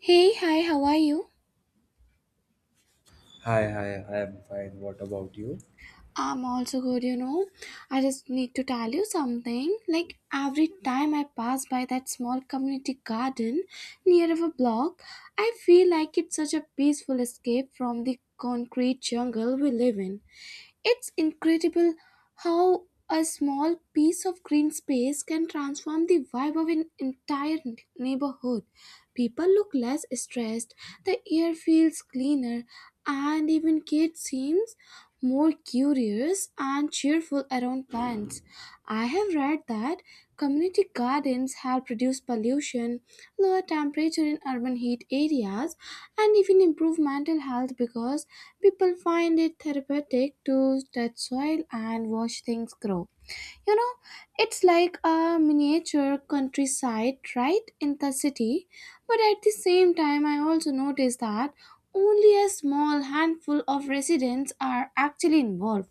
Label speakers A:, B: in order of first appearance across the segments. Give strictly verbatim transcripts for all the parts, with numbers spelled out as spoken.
A: Hey, hi, how are you?
B: Hi, hi, I am fine. What about you?
A: I'm also good, you know. I just need to tell you something. Like every time I pass by that small community garden near our block, I feel like it's such a peaceful escape from the concrete jungle we live in. It's incredible how a small piece of green space can transform the vibe of an entire neighborhood. People look less stressed, the air feels cleaner, and even kids seem more curious and cheerful around plants. I have read that community gardens help reduce pollution, lower temperature in urban heat areas, and even improve mental health because people find it therapeutic to touch soil and watch things grow. You know, it's like a miniature countryside right in the city, but at the same time, I also noticed that only a small handful of residents are actually involved.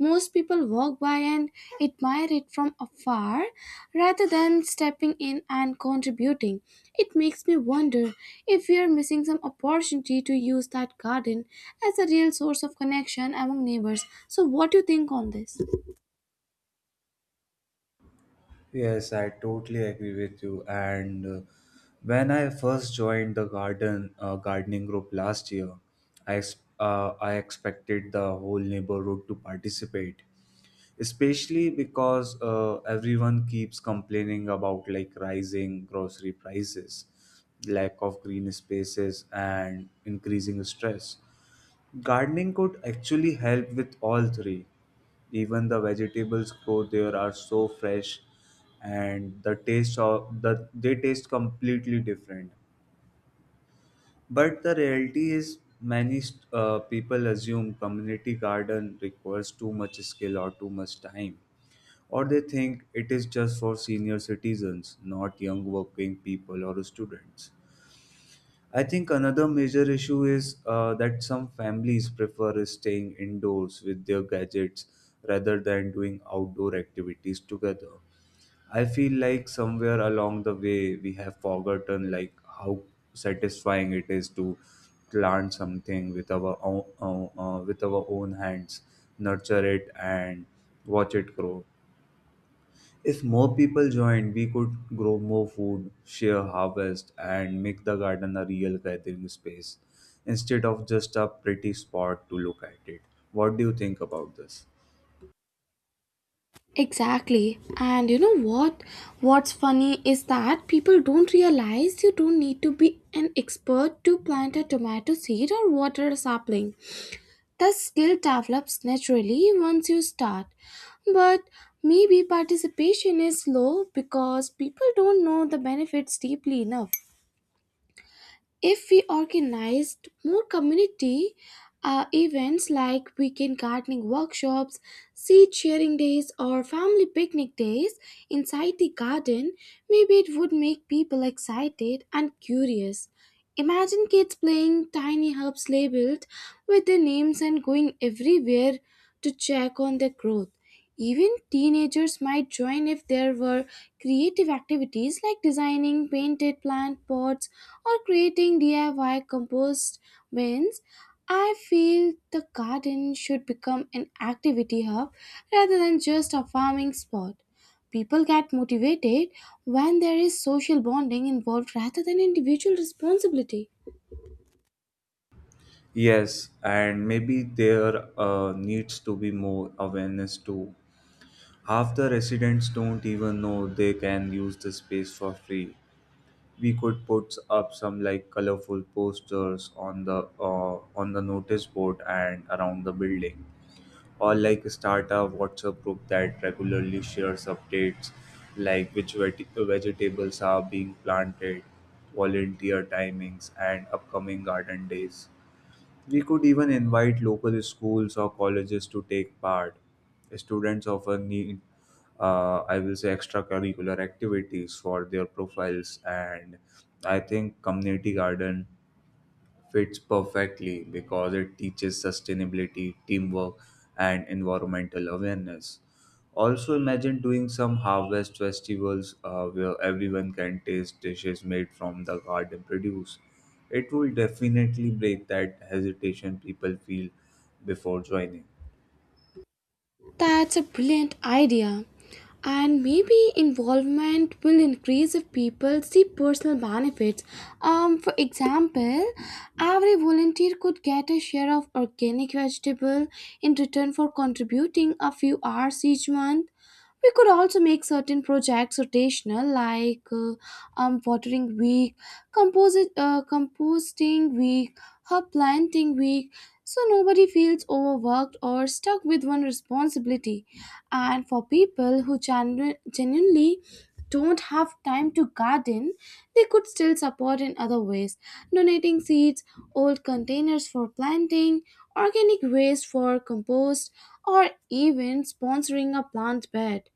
A: Most people walk by and admire it from afar rather than stepping in and contributing. It makes me wonder if we are missing some opportunity to use that garden as a real source of connection among neighbors. So, what do you think on this?
B: Yes, I totally agree with you. And uh, When I first joined the garden uh, gardening group last year, I ex- uh, I expected the whole neighborhood to participate, especially because uh, everyone keeps complaining about like rising grocery prices, lack of green spaces, and increasing stress. Gardening could actually help with all three. Even the vegetables grow there are so fresh and the taste of the they taste completely different. But the reality is many st- uh, people assume community garden requires too much skill or too much time. Or they think it is just for senior citizens, not young working people or students. I think another major issue is uh, that some families prefer staying indoors with their gadgets rather than doing outdoor activities together. I feel like somewhere along the way we have forgotten like how satisfying it is to plant something with our own, uh, uh, with our own hands, nurture it and watch it grow. If more people joined, we could grow more food, share harvest, and make the garden a real gathering space instead of just a pretty spot to look at it. What do you think about this?
A: Exactly. And you know what? What's funny is that people don't realize you don't need to be an expert to plant a tomato seed or water a sapling. The skill develops naturally once you start. But maybe participation is low because people don't know the benefits deeply enough. If we organized more community uh, events like weekend gardening workshops, seed sharing days, or family picnic days inside the garden, maybe it would make people excited and curious. Imagine kids playing tiny herbs labeled with their names and going everywhere to check on their growth. Even teenagers might join if there were creative activities like designing painted plant pots or creating D I Y compost bins. I feel the garden should become an activity hub rather than just a farming spot. People get motivated when there is social bonding involved rather than individual responsibility.
B: Yes, and maybe there uh, needs to be more awareness too. Half the residents don't even know they can use the space for free. We could put up some like colorful posters on the uh, on the notice board and around the building, or like start a WhatsApp group that regularly shares updates like which veg- vegetables are being planted, volunteer timings, and upcoming garden days. We could even invite local schools or colleges to take part. Students often need, uh, I will say, extracurricular activities for their profiles, and I think community garden fits perfectly because it teaches sustainability, teamwork, and environmental awareness. Also, imagine doing some harvest festivals uh, where everyone can taste dishes made from the garden produce. It will definitely break that hesitation people feel before joining.
A: That's a brilliant idea. And maybe involvement will increase if people see personal benefits. Um, for example, every volunteer could get a share of organic vegetable in return for contributing a few hours each month. We could also make certain projects rotational, like uh, um, watering week, composi- uh, composting week, herb planting week, so nobody feels overworked or stuck with one responsibility. And for people who genu- genuinely don't have time to garden, they could still support in other ways, donating seeds, old containers for planting, organic waste for compost, or even sponsoring a plant bed.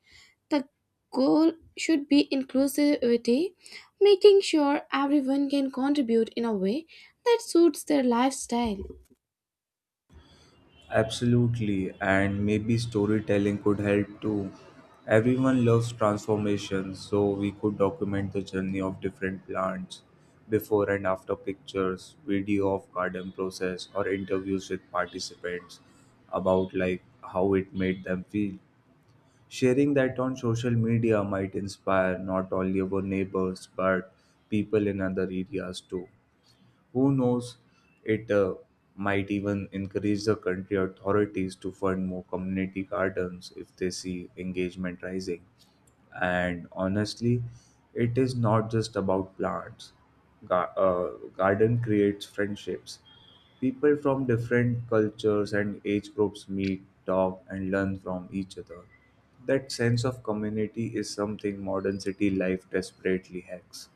A: The goal should be inclusivity, making sure everyone can contribute in a way that suits their lifestyle.
B: Absolutely, and maybe storytelling could help too. Everyone loves transformations, so we could document the journey of different plants, before and after pictures, video of garden process, or interviews with participants about like how it made them feel. Sharing that on social media might inspire not only our neighbors but people in other areas too. Who knows, it uh, might even encourage the country authorities to fund more community gardens if they see engagement rising. And honestly, it is not just about plants. Ga- uh, Garden creates friendships. People from different cultures and age groups meet, talk, and learn from each other. That sense of community is something modern city life desperately lacks.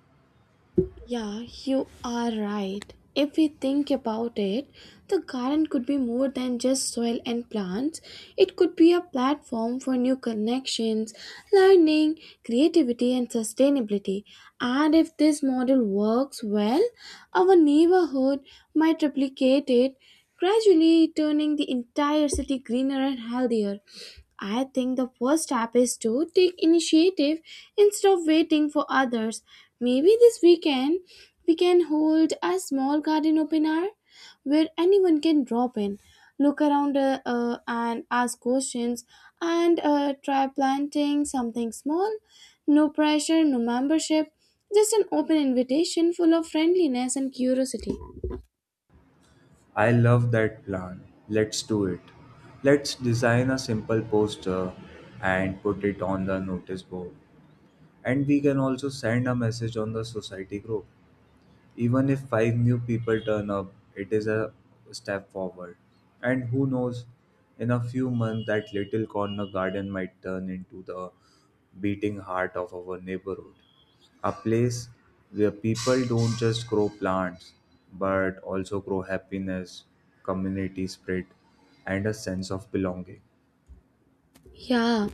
A: Yeah, you are right. If we think about it, the garden could be more than just soil and plants. It could be a platform for new connections, learning, creativity, and sustainability. And if this model works well, our neighborhood might replicate it, gradually turning the entire city greener and healthier. I think the first step is to take initiative instead of waiting for others. Maybe this weekend we can hold a small garden open hour where anyone can drop in, look around, uh, uh, and ask questions, and uh, try planting something small. No pressure, no membership, just an open invitation full of friendliness and curiosity.
B: I love that plan. Let's do it. Let's design a simple poster and put it on the notice board. And we can also send a message on the society group. Even if five new people turn up, it is a step forward. And who knows, in a few months, that little corner garden might turn into the beating heart of our neighborhood. A place where people don't just grow plants, but also grow happiness, community spirit, and a sense of belonging.
A: Yeah.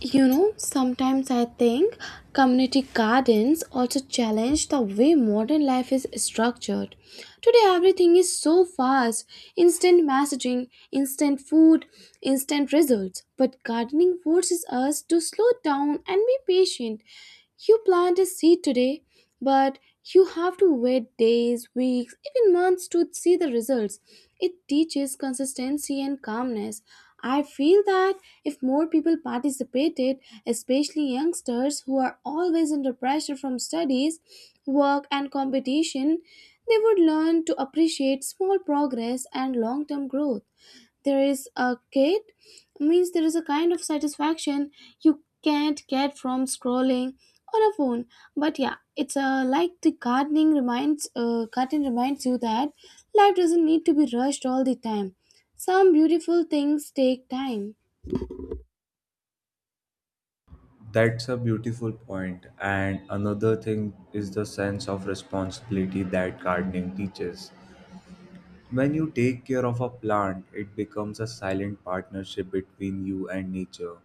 A: You know, sometimes I think community gardens also challenge the way modern life is structured. Today, everything is so fast: instant messaging, instant food, instant results. But gardening forces us to slow down and be patient. You plant a seed today, but you have to wait days, weeks, even months to see the results. It teaches consistency and calmness. I feel that if more people participated, especially youngsters who are always under pressure from studies, work, and competition, they would learn to appreciate small progress and long term growth. there is a kid means there is a kind of satisfaction you can't get from scrolling on a phone. But yeah, it's uh, like the gardening reminds uh, garden reminds you that life doesn't need to be rushed all the time. Some beautiful things take time.
B: That's a beautiful point. And another thing is the sense of responsibility that gardening teaches. When you take care of a plant, it becomes a silent partnership between you and nature.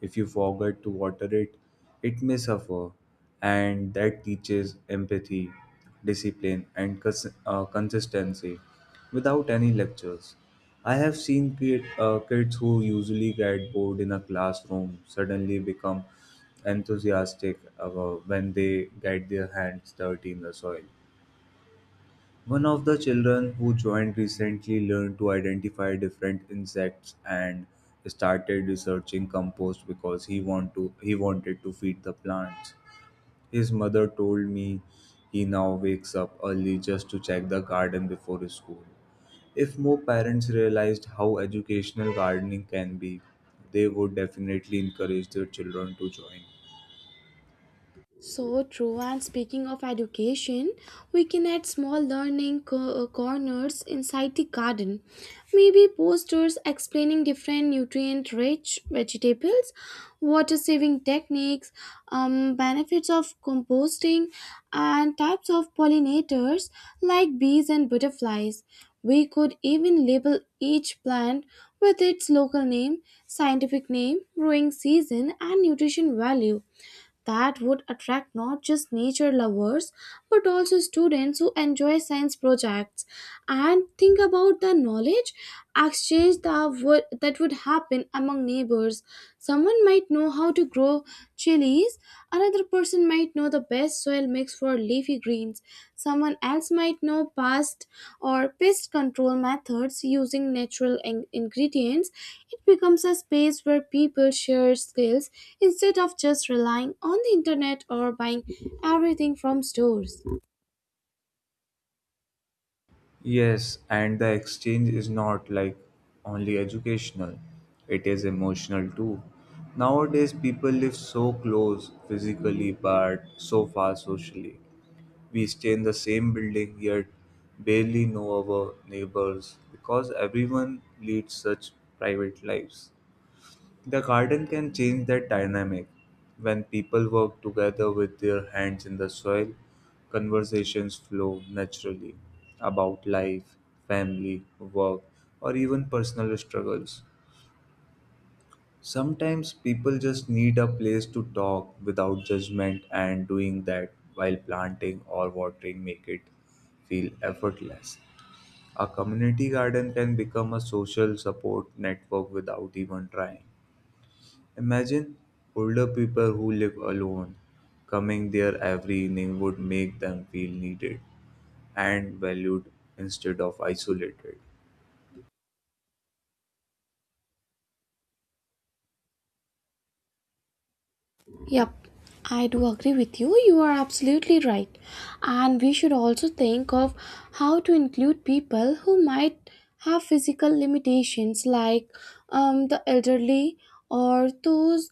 B: If you forget to water it, it may suffer, and that teaches empathy, discipline, and cons- uh, consistency without any lectures. I have seen kid, uh, kids who usually get bored in a classroom suddenly become enthusiastic uh, when they get their hands dirty in the soil. One of the children who joined recently learned to identify different insects and started researching compost because he want to he wanted to feed the plants. His mother told me he now wakes up early just to check the garden before school. If more parents realized how educational gardening can be, they would definitely encourage their children to join.
A: So true. And speaking of education, we can add small learning co- uh, corners inside the garden. Maybe posters explaining different nutrient rich vegetables, water saving techniques, um, benefits of composting, and types of pollinators like bees and butterflies. We could even label each plant with its local name, scientific name, growing season, and nutrition value. That would attract not just nature lovers but also students who enjoy science projects. And think about the knowledge exchange that would, that would happen among neighbors. Someone might know how to grow chilies, another person might know the best soil mix for leafy greens. Someone else might know past or pest control methods using natural in- ingredients. It becomes a space where people share skills instead of just relying on the internet or buying everything from stores.
B: Yes, and the exchange is not like only educational, it is emotional too. Nowadays, people live so close physically but so far socially. We stay in the same building yet barely know our neighbors because everyone leads such private lives. The garden can change that dynamic. When people work together with their hands in the soil, conversations flow naturally about life, family, work, or even personal struggles. Sometimes people just need a place to talk without judgment, and doing that while planting or watering make it feel effortless. A community garden can become a social support network without even trying. Imagine older people who live alone. Coming there every evening would make them feel needed and valued instead of isolated.
A: Yep, I do agree with you. You are absolutely right. And we should also think of how to include people who might have physical limitations, like um, the elderly or those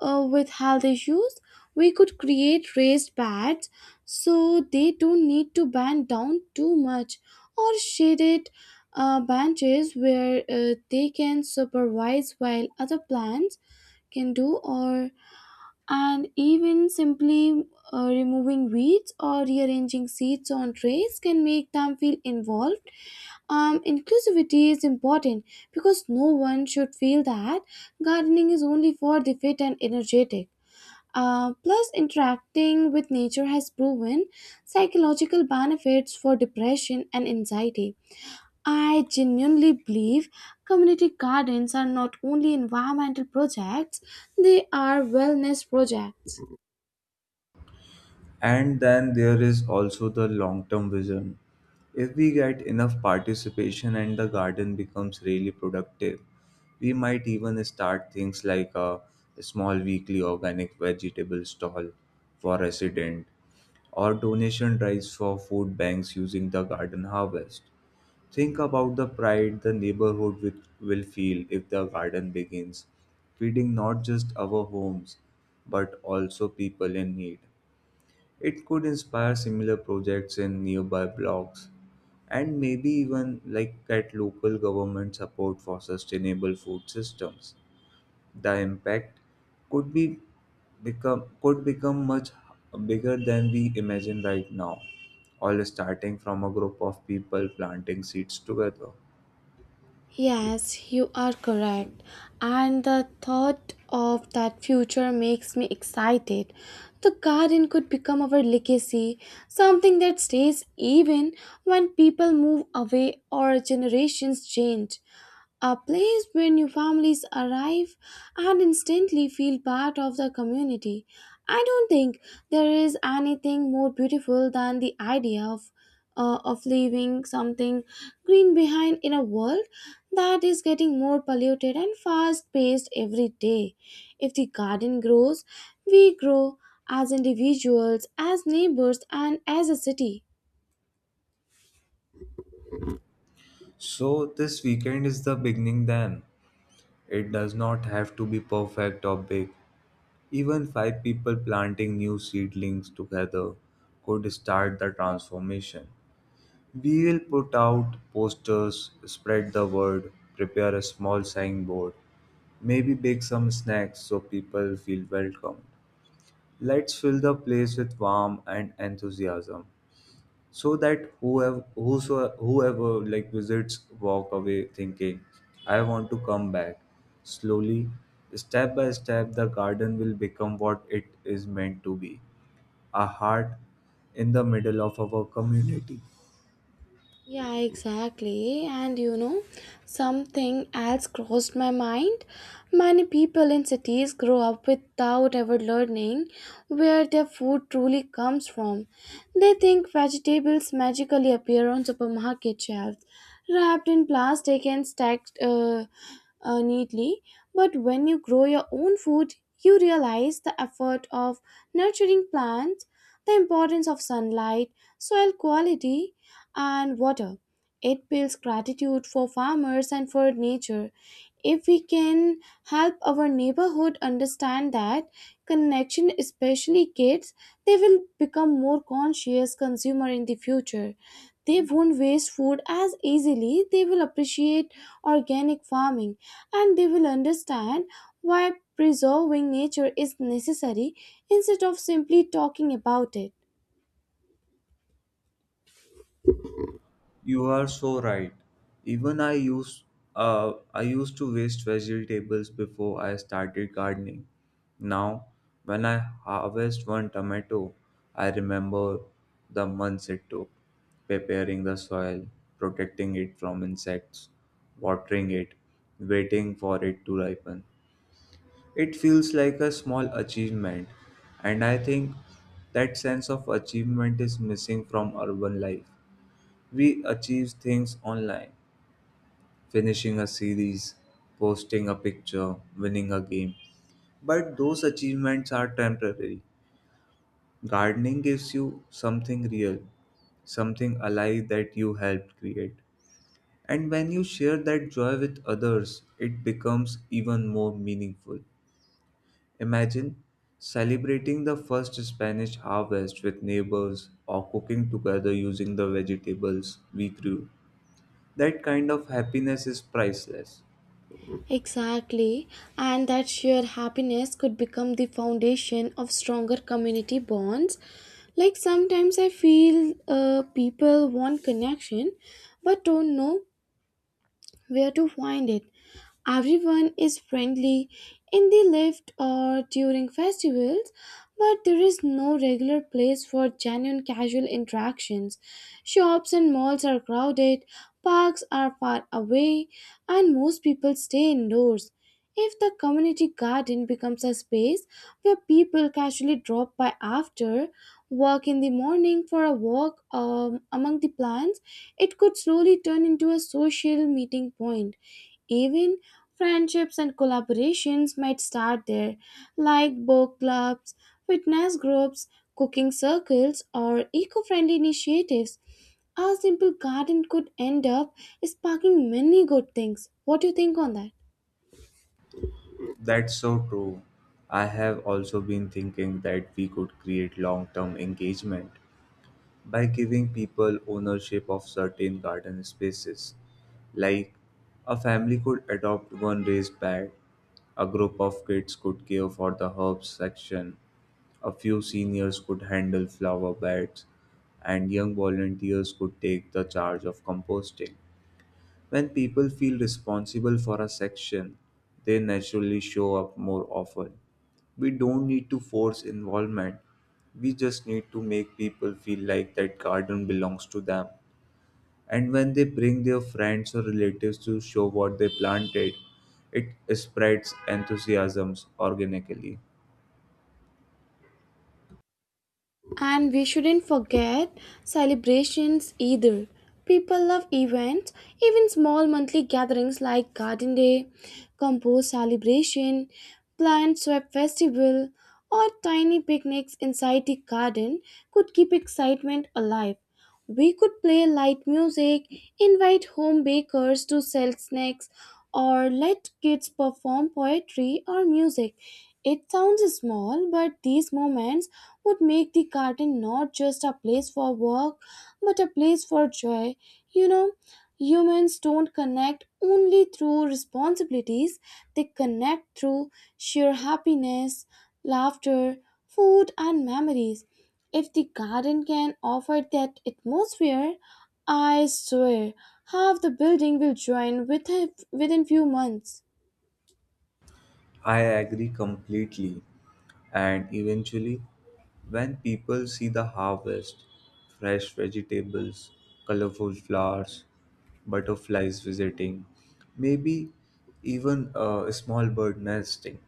A: uh, with health issues. We could create raised beds so they don't need to bend down too much, or shaded uh, benches where uh, they can supervise while other plants can do, or and even simply uh, removing weeds or rearranging seeds on trays can make them feel involved. Um, inclusivity is important because no one should feel that gardening is only for the fit and energetic. Uh, plus, interacting with nature has proven psychological benefits for depression and anxiety. I genuinely believe community gardens are not only environmental projects, they are wellness projects.
B: And then there is also the long term vision. If we get enough participation and the garden becomes really productive, we might even start things like a small weekly organic vegetable stall for resident or donation drives for food banks using the garden harvest. Think about the pride the neighborhood wi- will feel if the garden begins feeding not just our homes but also people in need. It could inspire similar projects in nearby blocks and maybe even like get local government support for sustainable food systems. The impact could be become could become much bigger than we imagine right now, all starting from a group of people planting seeds together.
A: Yes, you are correct. And the thought of that future makes me excited. The garden could become our legacy, something that stays even when people move away or generations change. A place where new families arrive and instantly feel part of the community. I don't think there is anything more beautiful than the idea of, uh, of leaving something green behind in a world that is getting more polluted and fast paced every day. If the garden grows, we grow as individuals, as neighbors, and as a city.
B: So this weekend is the beginning then. It does not have to be perfect or big. Even five people planting new seedlings together could start the transformation. We will put out posters, spread the word, prepare a small signboard, maybe bake some snacks so people feel welcomed. Let's fill the place with warmth and enthusiasm, so that whoever whosoever, whoever like visits walk away thinking I want to come back. Slowly, step by step, the garden will become what it is meant to be, a heart in the middle of our community.
A: Yeah, exactly. And you know, something else crossed my mind. Many people in cities grow up without ever learning where their food truly comes from. They think vegetables magically appear on supermarket shelves, wrapped in plastic and stacked, Uh, uh, neatly, but when you grow your own food, you realize the effort of nurturing plants, the importance of sunlight, soil quality, and water. It builds gratitude for farmers and for nature. If we can help our neighborhood understand that connection, especially kids, they will become more conscious consumer in the future. They won't waste food as easily, they will appreciate organic farming, and they will understand why preserving nature is necessary instead of simply talking about it.
B: You are so right. Even I used uh, I used to waste vegetables before I started gardening. Now, when I harvest one tomato, I remember the months it took preparing the soil, protecting it from insects, watering it, waiting for it to ripen. It feels like a small achievement, and I think that sense of achievement is missing from urban life. We achieve things online, finishing a series, posting a picture, winning a game. But those achievements are temporary. Gardening gives you something real, something alive that you helped create. And when you share that joy with others, it becomes even more meaningful. Imagine celebrating the first Spanish harvest with neighbors or cooking together using the vegetables we grew. That kind of happiness is priceless.
A: Exactly, and that shared happiness could become the foundation of stronger community bonds. Like sometimes I feel uh, people want connection but don't know where to find it. Everyone is friendly in the lift or during festivals, but there is no regular place for genuine casual interactions. Shops and malls are crowded, parks are far away, and most people stay indoors. If the community garden becomes a space where people casually drop by after work in the morning for a walk um, among the plants, it could slowly turn into a social meeting point. Even friendships and collaborations might start there, like book clubs, fitness groups, cooking circles, or eco friendly initiatives. A simple garden could end up sparking many good things. What do you think on that?
B: That's so true. I have also been thinking that we could create long term engagement by giving people ownership of certain garden spaces. Like, a family could adopt one raised bed, a group of kids could care for the herbs section, a few seniors could handle flower beds, and young volunteers could take the charge of composting. When people feel responsible for a section, they naturally show up more often. We don't need to force involvement. We just need to make people feel like that garden belongs to them. And when they bring their friends or relatives to show what they planted, it spreads enthusiasms organically.
A: And we shouldn't forget celebrations either. People love events, even small monthly gatherings like Garden Day, Compost Celebration, Plant Swap Festival, or tiny picnics inside the garden could keep excitement alive. We could play light music, invite home bakers to sell snacks, or let kids perform poetry or music. It sounds small, but these moments would make the garden not just a place for work, but a place for joy. You know, Humans don't connect only through responsibilities, they connect through sheer happiness, laughter, food, and memories. If the garden can offer that atmosphere, I swear half the building will join with within few months.
B: I agree completely. And eventually, when people see the harvest, fresh vegetables, colorful flowers, butterflies visiting, maybe even a small bird nesting,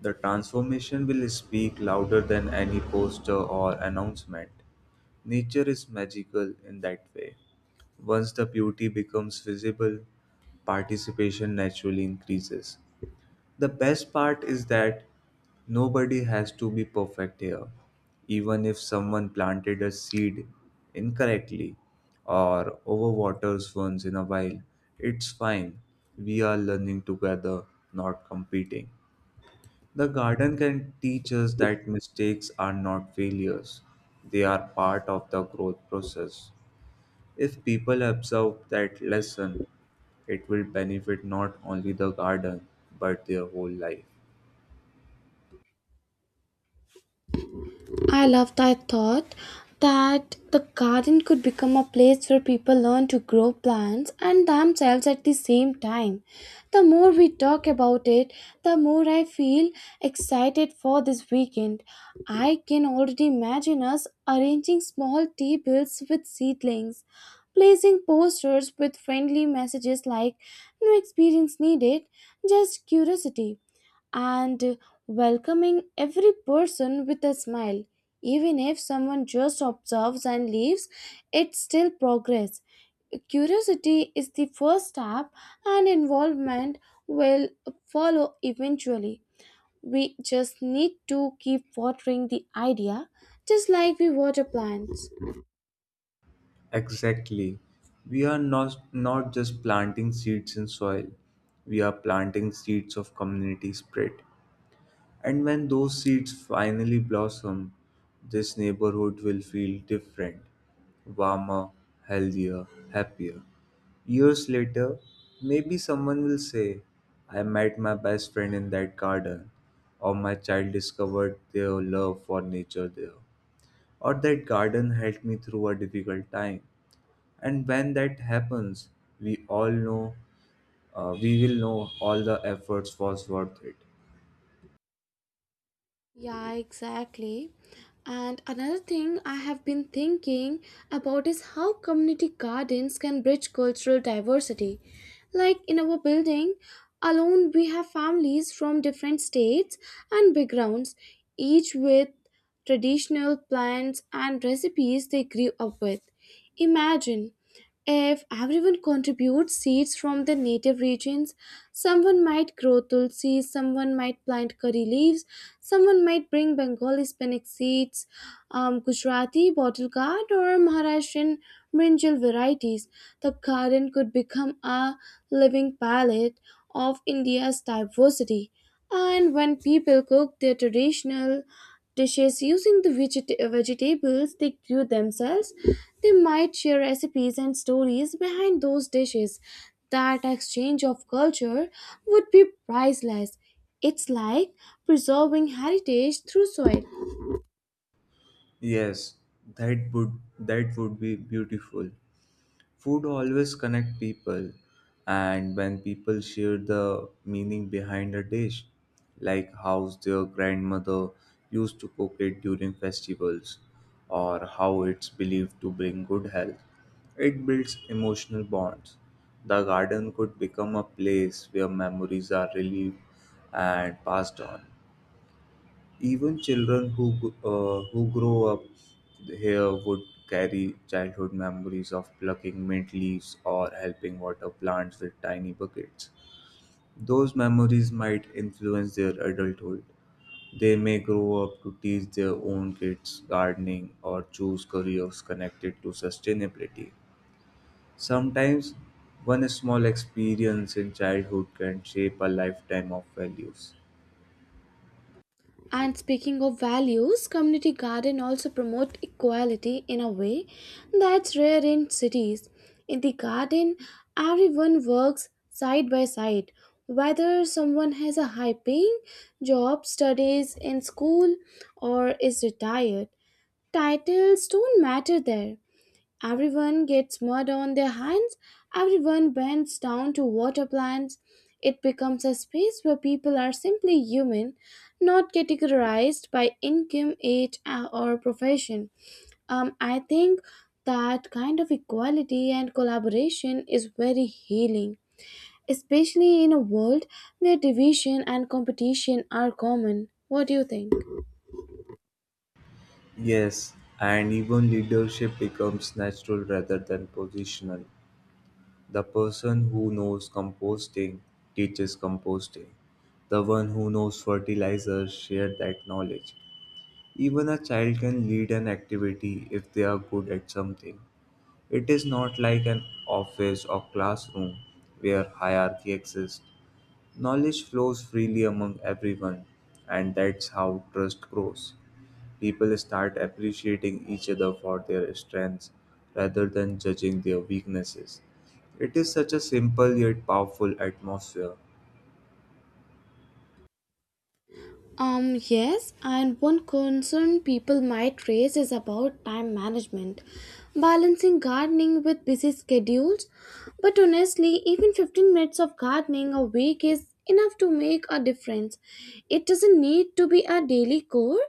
B: the transformation will speak louder than any poster or announcement. Nature is magical in that way. Once the beauty becomes visible, participation naturally increases. The best part is that nobody has to be perfect here. Even if someone planted a seed incorrectly or overwaters once in a while, it's fine. We are learning together, not competing. The garden can teach us that mistakes are not failures, they are part of the growth process. If people absorb that lesson, it will benefit not only the garden but their whole life.
A: I love that thought, that the garden could become a place where people learn to grow plants and themselves at the same time. The more we talk about it, the more I feel excited for this weekend. I can already imagine us arranging small tables with seedlings, placing posters with friendly messages like "no experience needed, just curiosity," and welcoming every person with a smile. Even if someone just observes and leaves, it's still progress. Curiosity is the first step, and involvement will follow eventually. We just need to keep watering the idea, just like we water plants.
B: Exactly. We are not, not just planting seeds in soil, we are planting seeds of community spirit. And when those seeds finally blossom, this neighborhood will feel different, warmer, healthier, happier. Years later, maybe someone will say, I met my best friend in that garden, or my child discovered their love for nature there, or that garden helped me through a difficult time. And when that happens, we all know, uh, we will know all the efforts was worth it.
A: Yeah, exactly. And another thing I have been thinking about is how community gardens can bridge cultural diversity. Like in our building alone, we have families from different states and backgrounds, each with traditional plants and recipes they grew up with. Imagine if everyone contributes seeds from their native regions: someone might grow tulsi, someone might plant curry leaves, someone might bring Bengali spinach seeds, um, Gujarati bottle gourd, or Maharashtrian brinjal varieties. The garden could become a living palette of India's diversity. And when people cook their traditional dishes using the veget- vegetables they grew themselves, they might share recipes and stories behind those dishes. That exchange of culture would be priceless. It's like preserving heritage through soil.
B: Yes, that would that would be beautiful. Food always connect people, and when people share the meaning behind a dish, like how their grandmother used to cook it during festivals, or how it's believed to bring good health, it builds emotional bonds. The garden could become a place where memories are relieved and passed on. Even children who g- uh, who grow up here would carry childhood memories of plucking mint leaves or helping water plants with tiny buckets. Those memories might influence their adulthood. They may grow up to teach their own kids gardening or choose careers connected to sustainability. Sometimes, one small experience in childhood can shape a lifetime of values.
A: And speaking of values, community garden also promote equality in a way that's rare in cities. In the garden, everyone works side by side, whether someone has a high paying job, studies in school, or is retired. Titles don't matter there. Everyone gets mud on their hands. Everyone bends down to water plants. It becomes a space where people are simply human, not categorized by income, age, uh, or profession. Um, I think that kind of equality and collaboration is very healing, especially in a world where division and competition are common. What do you think?
B: Yes, and even leadership becomes natural rather than positional. The person who knows composting teaches composting. The one who knows fertilizer shares that knowledge. Even a child can lead an activity if they are good at something. It is not like an office or classroom where hierarchy exists. Knowledge flows freely among everyone, and that's how trust grows. People start appreciating each other for their strengths rather than judging their weaknesses. It is such a simple yet powerful atmosphere.
A: Um, yes, and one concern people might raise is about time management, balancing gardening with busy schedules. But honestly, even fifteen minutes of gardening a week is enough to make a difference. It doesn't need to be a daily core,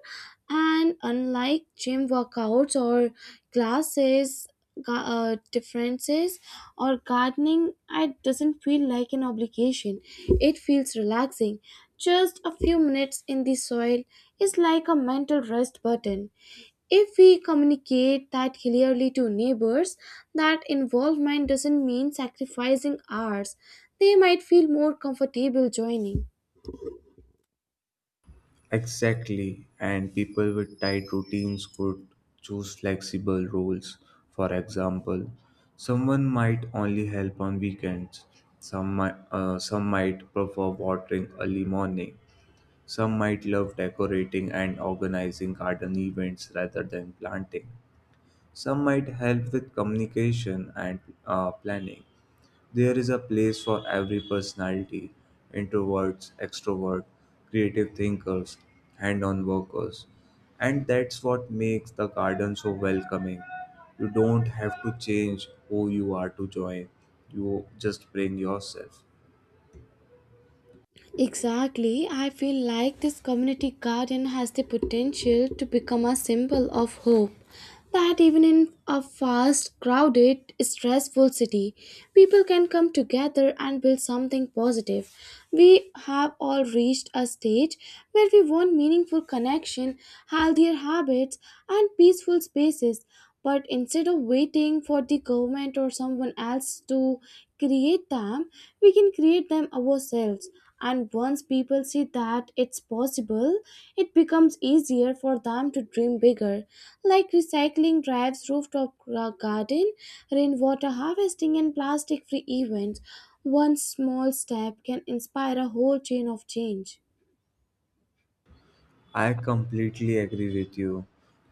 A: and unlike gym workouts or classes, ga- uh, differences or gardening it doesn't feel like an obligation, it feels relaxing. Just a few minutes in the soil is like a mental rest button. If we communicate that clearly to neighbors that involvement doesn't mean sacrificing ours, they might feel more comfortable joining.
B: Exactly, and people with tight routines could choose flexible roles. For example, someone might only help on weekends, some might, uh, some might prefer watering early morning, some might love decorating and organizing garden events rather than planting. Some might help with communication and uh, planning. There is a place for every personality, introverts, extroverts, creative thinkers, hand on workers. And that's what makes the garden so welcoming. You don't have to change who you are to join, you just bring yourself.
A: Exactly, I feel like this community garden has the potential to become a symbol of hope, that even in a fast, crowded, stressful city, people can come together and build something positive. We have all reached a stage where we want meaningful connection, healthier habits, and peaceful spaces, but instead of waiting for the government or someone else to create them, we can create them ourselves. And once people see that it's possible, it becomes easier for them to dream bigger, like recycling drives, rooftop gra- garden, rainwater harvesting, and plastic free events. One small step can inspire a whole chain of change.
B: I completely agree with you.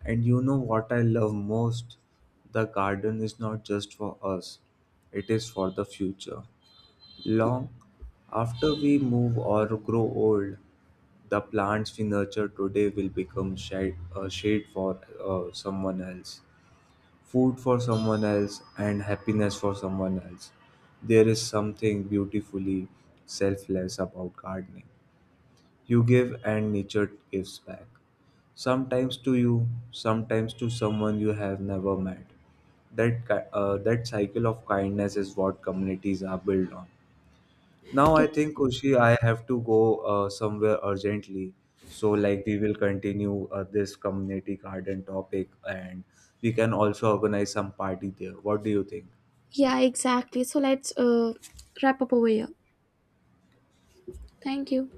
B: And you know what I love most? The garden is not just for us, it is for the future. Long after we move or grow old, the plants we nurture today will become shade, a shade for uh, someone else, food for someone else, and happiness for someone else. There is something beautifully selfless about gardening. You give, and nature gives back. Sometimes to you, sometimes to someone you have never met. That, ki- uh, that cycle of kindness is what communities are built on. Now I think
A: Ex-
B: Kushi, I have to go uh, somewhere urgently. So like we will continue uh, this community garden topic, and we can also organize some party there. What do you think?
A: yeah, exactly, so let's uh, wrap up over here. Thank you.